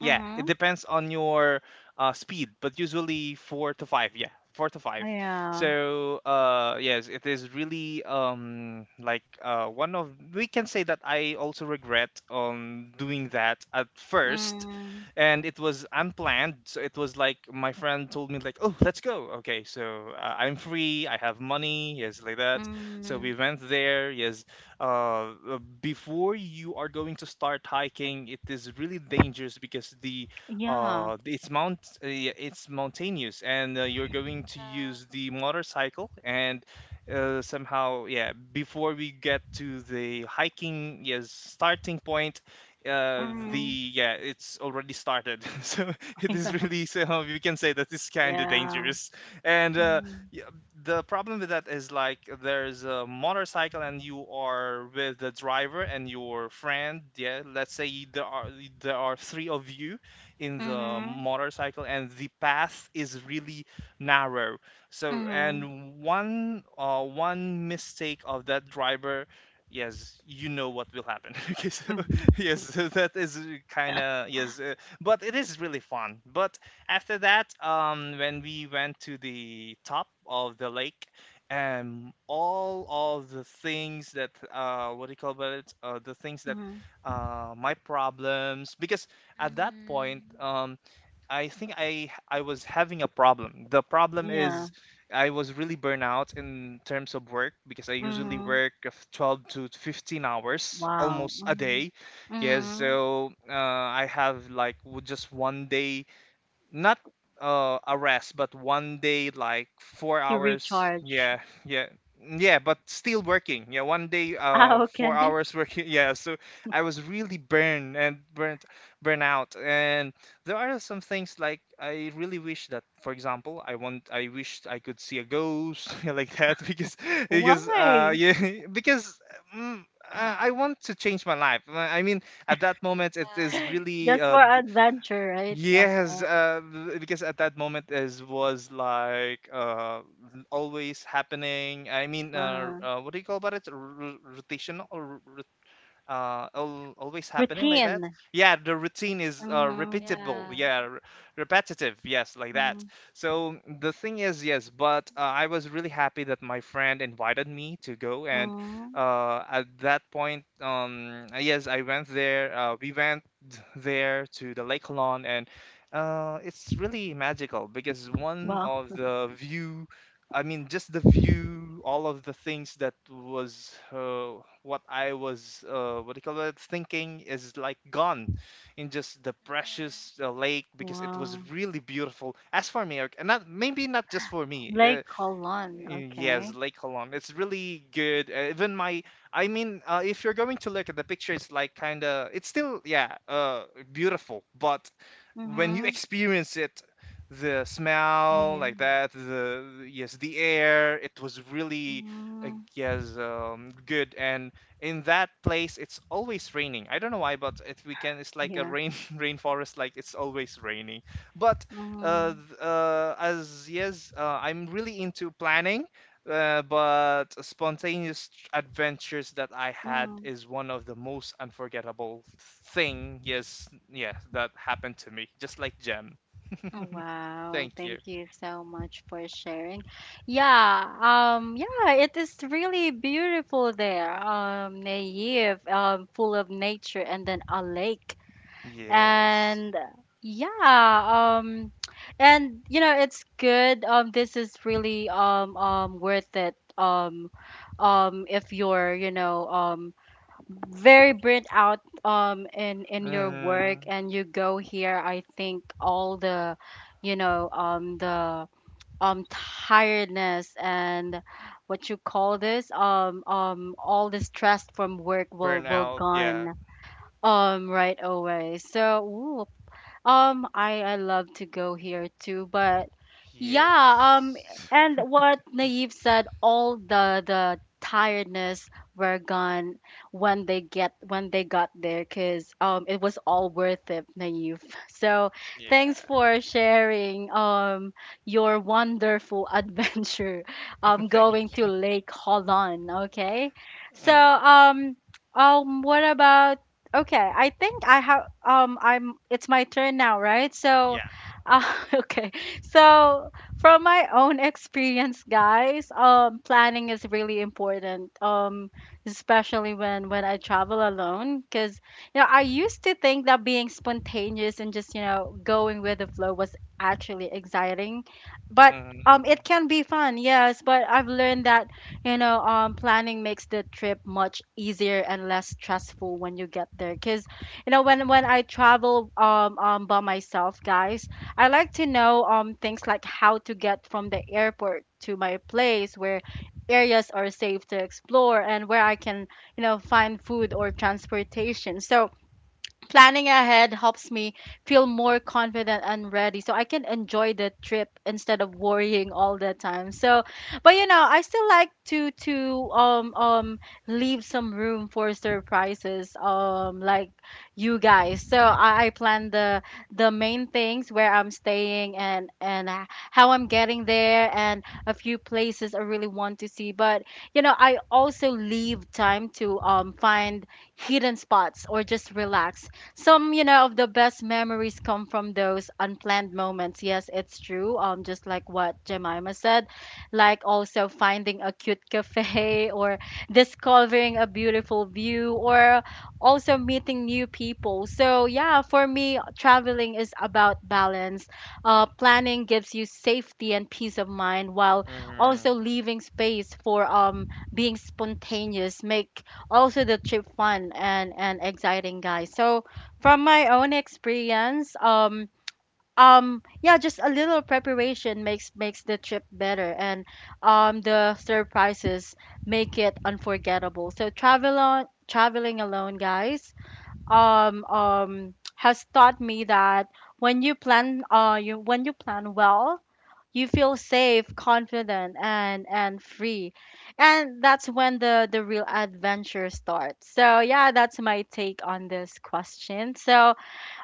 Yeah, it depends on your speed, but usually four to five. Yeah, four to five. Yeah. So yes, it is really one of, we can say that I also regret on doing that at first, Mm-hmm. and it was unplanned. So it was like my friend told me like, oh, let's go. Okay, so I'm free. I have money. Yes, like that. So Mm-hmm. we went there. Yes, uh, before you are going to start hiking, it is really dangerous because the Yeah. It's mount yeah, it's mountainous and you're going to Yeah. use the motorcycle. And somehow, yeah, before we get to the hiking, yes, starting point, Mhm. the yeah, it's already started. So it is really, so we can say that it's kind of Yeah. dangerous. And Mhm. the problem with that is like there's a motorcycle and you are with the driver and your friend. Yeah, let's say there are, three of you in the Mhm. motorcycle and the path is really narrow. So, Mhm. and one mistake of that driver, yes, you know what will happen. Okay, so Mhm. yes, so that is kind of, yes, but it is really fun. But after that, when we went to the top of the lake, and all of the things that what do you call about it? The things that Mhm. My problems, because at that point, Mm-hmm. I think I was having a problem. The problem Yeah. is I was really burnout in terms of work because I usually Mhm. work of 12 to 15 hours Wow. almost a Mhm. day. Yes, Mhm. so I have like just one day, not a rest, but one day like four To hours recharge. Yeah, yeah, yeah, but still working. Yeah, one day, Ah, okay. four hours working. Yeah, so I was really burned and burnt, burnt out. And there are some things like I really wish that, for example, I want, I wish I could see a ghost like that. Because Why? yeah because mm, I want to change my life. I mean, at that moment, it is Yeah. really Just for adventure, right? yes. Okay. Because at that moment, is was like always happening. I mean, Uh, what do you call about it? Rotational or always happening like that. Routine. Yeah, the routine is Mhm. repeatable, Yeah. yeah, repetitive, yes, like that. Mhm. So the thing is, yes, but I was really happy that my friend invited me to go. And Mhm. At that point, yes, I went there. We went there to the Lake Halon, and it's really magical because one Wow. of the view, I mean, just the view, all of the things that was what I was, what do you call it, thinking is like gone in just the precious lake because it was Wow. really beautiful. As for me, Eric, and not, maybe not just for me. Lake Colon. Yes, Okay. Lake Holon. It's really good. Even my, I mean, if you're going to look at the picture, it's like kind of, it's still, yeah, beautiful, but when you Mhm. experience it, the Oh smell yeah. like that, the, yes, the air, it was really uh, Mhm. yes, good. And in that place, it's always raining. I don't know why, but it, we can, it's like a Yeah. rain rainforest, like it's always raining. But Mhm. As yes, I'm really into planning, but spontaneous adventures that I had Mhm. is one of the most unforgettable thing. Yes, yes, that happened to me, just like Jem. Oh, wow. Thank you. Thank you so much for sharing. Yeah, yeah, it is really beautiful there. Naive, full of nature, and then a lake. Yes. And yeah, it's good. This is really worth it. If you're, very burnt out in your work Mm-hmm. and you go here, I think all the the tiredness and what you call this all the stress from work will Burnout. Yeah. gone right away. So ooh, I love to go here too, but Yes. yeah, and what Naive said, all the tiredness were gone when they get when they got there, cause it was all worth it, Naive. So thanks Yeah. for sharing your wonderful adventure, Thank. going to Lake Holon. Okay, so Mm-hmm. What about Okay, I think I'm it's my turn now, right? So Yeah. Okay. So from my own experience, guys, planning is really important. Especially when I travel alone because you know, I used to think that being spontaneous and just, you know, going with the flow was actually exciting. But Mm-hmm, mm-hmm. it can be fun, yes, but I've learned that you know, planning makes the trip much easier and less stressful when you get there. Cause you know, when I travel by myself, guys, I like to know things like how to get from the airport to my place, where areas are safe to explore and where I can, you know, find food or transportation. So planning ahead helps me feel more confident and ready so I can enjoy the trip instead of worrying all the time. So but you know, I still like to leave some room for surprises like you guys. So I plan the main things, where I'm staying and how I'm getting there and a few places I really want to see. But you know, I also leave time to find hidden spots or just relax. Some, you know, of the best memories come from those unplanned moments. Yes, it's true, just like what Jemima said, like also finding a cute cafe, or discovering a beautiful view, or also meeting new people. So yeah, for me traveling is about balance. Planning gives you safety and peace of mind, while Mm-hmm. also leaving space for being spontaneous make also the trip fun and exciting, guys. So from my own experience, yeah, just a little preparation makes the trip better, and the surprises make it unforgettable. So traveling alone, guys, has taught me that when you plan, you when you plan well, you feel safe, confident, and free, and that's when the real adventure starts. So yeah, that's my take on this question. So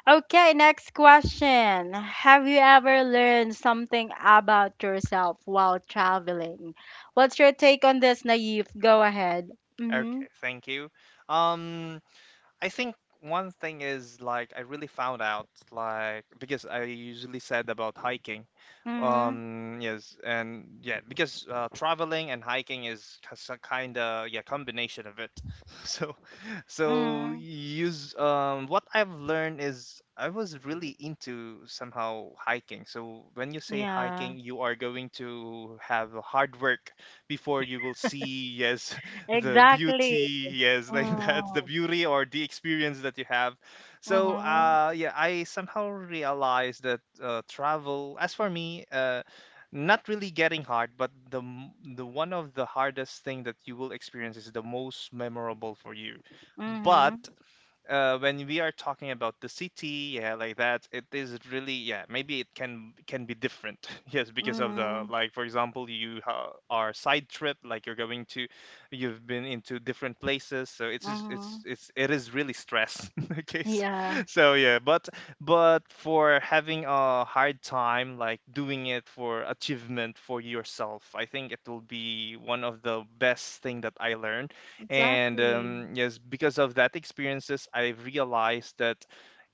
okay, next question. Have you ever learned something about yourself while traveling? What's your take on this, Naive? Go ahead. Mm-hmm. Okay. Thank you. Um. I think one thing is like I really found out like because I usually said about hiking. Mm-hmm. Yes. And yeah, because traveling and hiking is a kind of, yeah, combination of it. So Mm-hmm. use what I've learned is I was really into somehow hiking. So when you say Yeah. hiking, you are going to have a hard work before you will see, yes, the Exactly. beauty, yes, like that's the Mm-hmm. beauty or the experience that you have. So Mm-hmm. Yeah, I somehow realized that travel, as for me, not really getting hard, but the one of the hardest thing that you will experience is the most memorable for you. But Mm-hmm. When we are talking about the city, yeah, like that, it is really, yeah, maybe it can be different, yes, because of the, Mm-hmm. like for example, you are side trip, like you're going to, you've been into different places, so it's just, Mm-hmm. It is really stress. Okay, so Yeah. so yeah, but for having a hard time, like doing it for achievement for yourself, I think it will be one of the best thing that I learned. And Exactly. Yes, because of that experiences I realized that,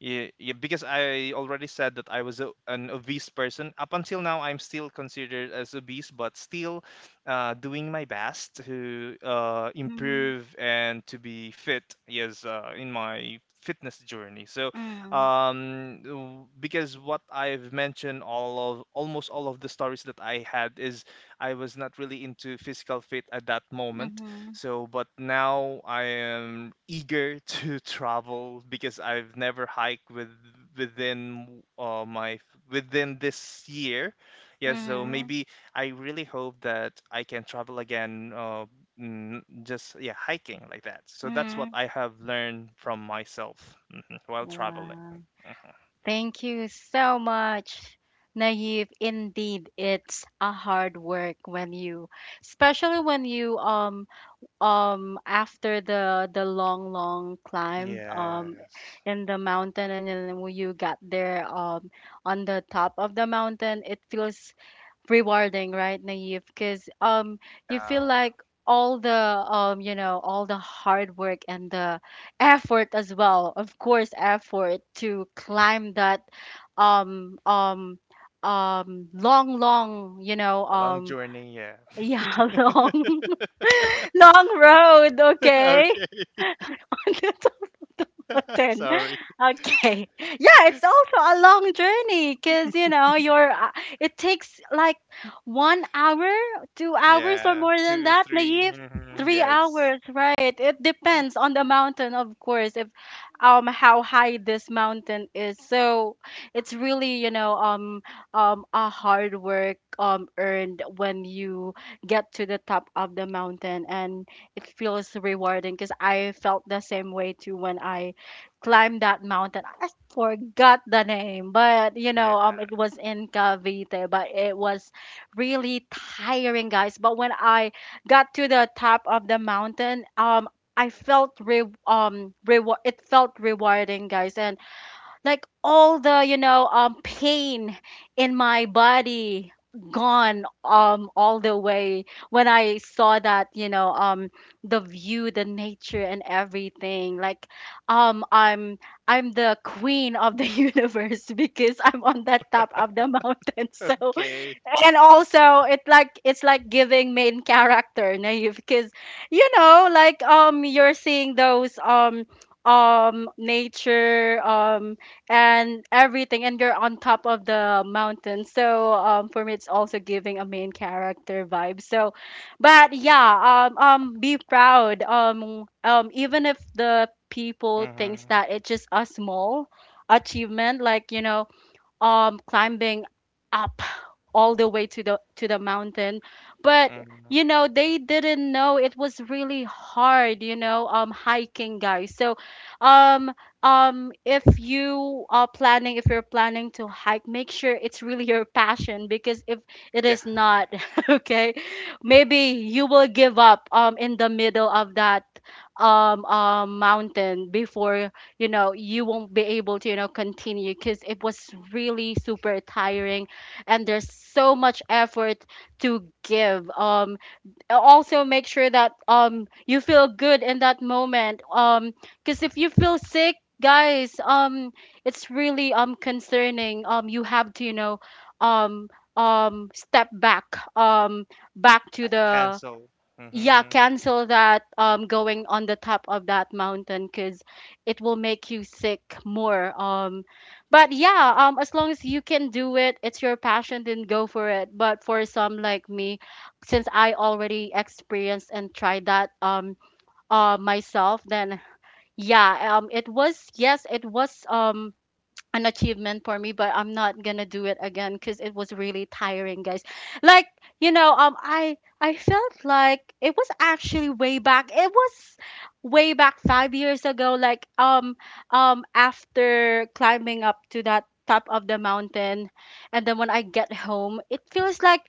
yeah, yeah, because I already said that I was a, an obese person. Up until now, I'm still considered as obese, but still doing my best to Mm-hmm. improve and to be fit. Yes, in my fitness journey. So, Mm-hmm. Because what I've mentioned, all of almost all of the stories that I had is I was not really into physical fit at that moment. Mm-hmm. So, but now I am eager to travel because I've never hiked with within my within this year. Yeah, so maybe I really hope that I can travel again. Just yeah, hiking like that. So that's what Mm-hmm. I have learned from myself, mhm, while traveling. Wow. Mhm. Thank you so much, Naive. Indeed, it's a hard work when you, especially when you after the long long climb Yes. in the mountain and then when you got there on the top of the mountain, it feels rewarding, right, Naive? Because you feel Yeah. like all the you know, all the hard work and the effort as well. Of course, effort to climb that um um long long, you know, Yeah. Long journey. Yeah. yeah, long long road. Okay. Okay. Then, Sorry. okay. Yeah, it's also a long journey because, you know, you're, it takes like 1 hour, 2 hours, or Yeah. more than Two, that, three. Naive. Mhm. Three Yes. hours, right? It depends on the mountain, of course, if how high this mountain is. So it's really, you know, a hard work earned when you get to the top of the mountain, and it feels rewarding because I felt the same way too when I climbed that mountain. I forgot the name, but you Yeah. know, it was in Cavite, but it was really tiring, guys. But when I got to the top of the mountain, I felt re reward. It felt rewarding, guys, and like all the, you know, pain in my body gone all the way when I saw that, you know, the view, the nature, and everything. Like um I'm I'm the queen of the universe because I'm on that top of the mountain. So Okay. and also it like it's like giving main character, Naive, because you know, like, you're seeing those nature and everything, and you're on top of the mountain. So for me, it's also giving a main character vibe. So but yeah, be proud even if the people thinks Mm-hmm. that it's just a small achievement like, you know, climbing up all the way to the mountain. But Mm-hmm. you know, they didn't know it was really hard, you know, hiking, guys. So um if you're planning to hike, make sure it's really your passion, because if it Yeah. is not, okay, maybe you will give up in the middle of that mountain before, you know, you won't be able to, you know, continue because it was really super tiring, and there's so much effort to give. Also make sure that you feel good in that moment, because if you feel sick, guys, it's really concerning. You have to, you know, um step back, um back Yeah. to the Cancel. yeah, Mm-hmm. cancel that going on the top of that mountain, because it will make you sick more. But yeah, as long as you can do it, it's your passion, then go for it. But for some like me, since I already experienced and tried that myself, then yeah, it was, yes, it was an achievement for me, but I'm not gonna do it again because it was really tiring, guys. Like, you know, I felt like it was actually way back, it was way back 5 years ago, like after climbing up to that top of the mountain, and then when I get home, it feels like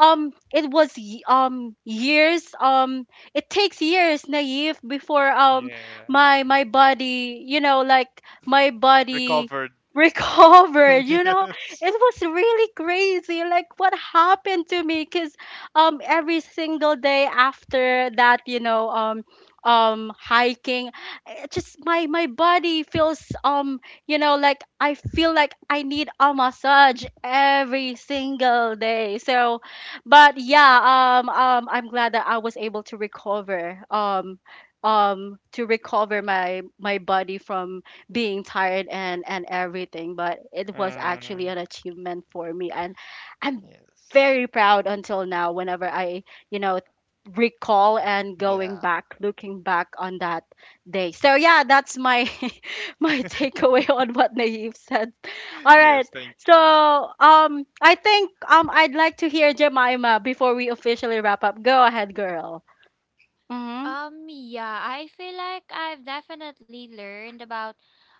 it was years. It takes years, Naive, before Yeah. my body, you know, like my body Recovered. recovered, you know. It was really crazy, like what happened to me, because every single day after that, you know, hiking, it just my body feels you know, like I feel like I need a massage every single day. So but yeah, I'm glad that I was able to recover my body from being tired and everything. But it was Mm-hmm. actually an achievement for me, and I'm Yes. very proud until now whenever I, you know, recall and going Yeah. back, looking back on that day. So yeah, that's my my takeaway on what Naive said. All right, Yes. Thank. so I think I'd like to hear Jemima before we officially wrap up. Go ahead, girl. Mm-hmm. Yeah, I feel like I've definitely learned about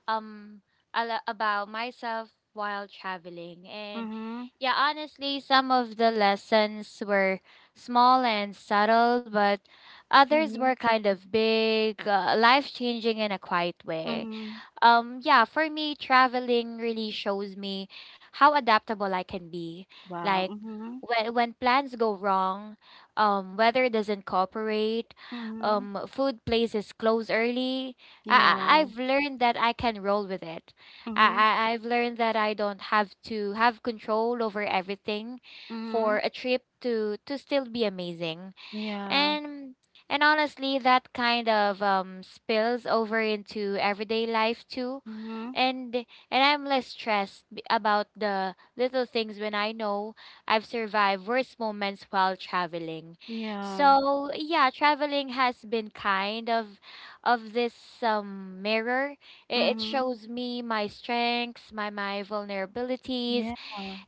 um about myself while traveling. And Mm-hmm. yeah, honestly, some of the lessons were small and subtle, but others Mm-hmm. were kind of big, life-changing in a quiet way. Mm-hmm. Yeah, for me, traveling really shows me how adaptable I can be. Wow. Like Mm-hmm. when plans go wrong, weather doesn't cooperate, Mm-hmm. Food places close early. I, I Yeah. I've learned that I can roll with it. I, Mhm. I I've learned that I don't have to have control over everything Mhm. for a trip to still be amazing. Yeah. And and honestly, that kind of spills over into everyday life too. Mhm. And and I'm less stressed about the little things when I know I've survived worse moments while traveling. Yeah. So, yeah, traveling has been kind of this mirror. It Mhm. shows me my strengths, my Yeah. vulnerabilities,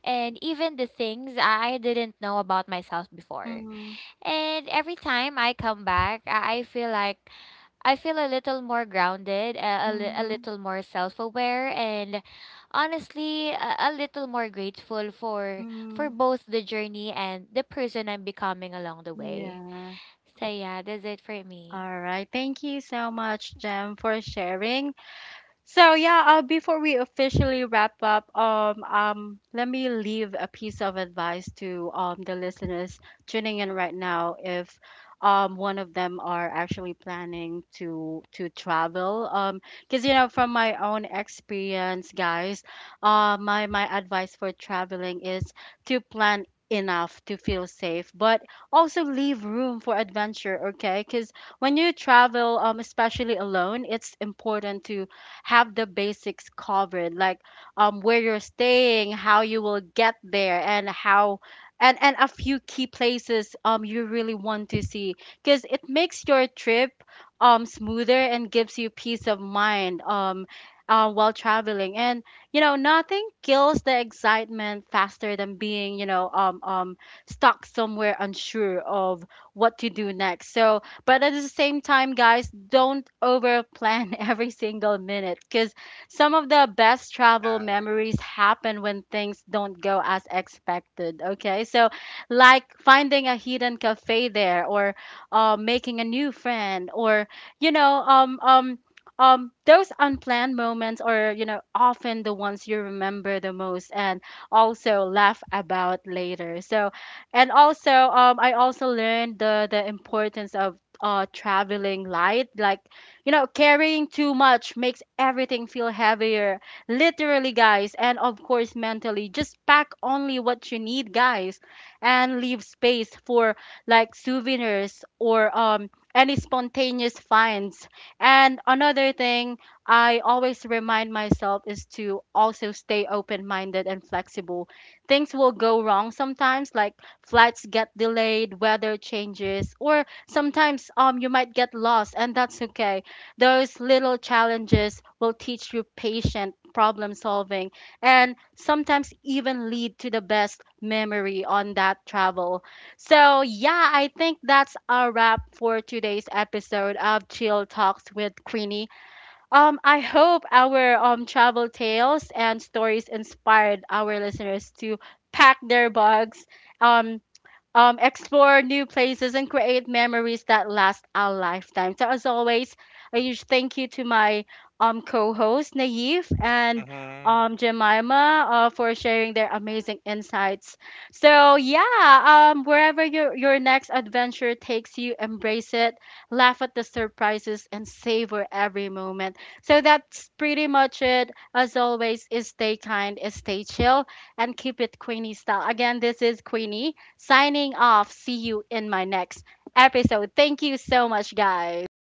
and even the things I didn't know about myself before. Mhm. And every time I come back, I feel like I feel a little more grounded, a Mhm. little more self aware, and honestly, a little more grateful for Mhm. both the journey and the person I'm becoming along the way. Yeah. So yeah, that's it for me. All right. Thank you so much, Jem, for sharing. So yeah, before we officially wrap up, let me leave a piece of advice to the listeners tuning in right now. If one of them are actually planning to travel, because you know, from my own experience, guys, my advice for traveling is to plan enough to feel safe, but also leave room for adventure. Okay, because when you travel, especially alone, it's important to have the basics covered, like where you're staying, how you will get there, and how and a few key places you really want to see, because it makes your trip smoother and gives you peace of mind, while traveling. And you know, nothing kills the excitement faster than being, you know, stuck somewhere unsure of what to do next. So but at the same time, guys, don't overplan every single minute, because some of the best travel Yeah. memories happen when things don't go as expected. Okay, so like finding a hidden cafe there, or making a new friend, or you know, those unplanned moments are, you know, often the ones you remember the most and also laugh about later. So and also, I also learned the importance of traveling light. Like, you know, carrying too much makes everything feel heavier, literally, guys, and of course mentally. Just pack only what you need, guys, and leave space for like souvenirs, or any spontaneous finds. And another thing I always remind myself is to also stay open minded and flexible. Things will go wrong sometimes, like flights get delayed, weather changes, or sometimes you might get lost, and that's okay. Those little challenges will teach you patient problem solving, and sometimes even lead to the best memory on that travel. So yeah, I think that's a wrap for today's episode of Chill Talks with Queenie. I hope our travel tales and stories inspired our listeners to pack their bags, um explore new places, and create memories that last a lifetime. So, as always, a huge thank you to my co host, Naif, and Mm-hmm. Jemima, for sharing their amazing insights. So yeah, wherever your next adventure takes you, embrace it, laugh at the surprises, and savor every moment. So, that's pretty much it. As always, is stay kind, is stay chill, and keep it Queenie style. Again, this is Queenie signing off. See you in my next episode. Thank you so much, guys.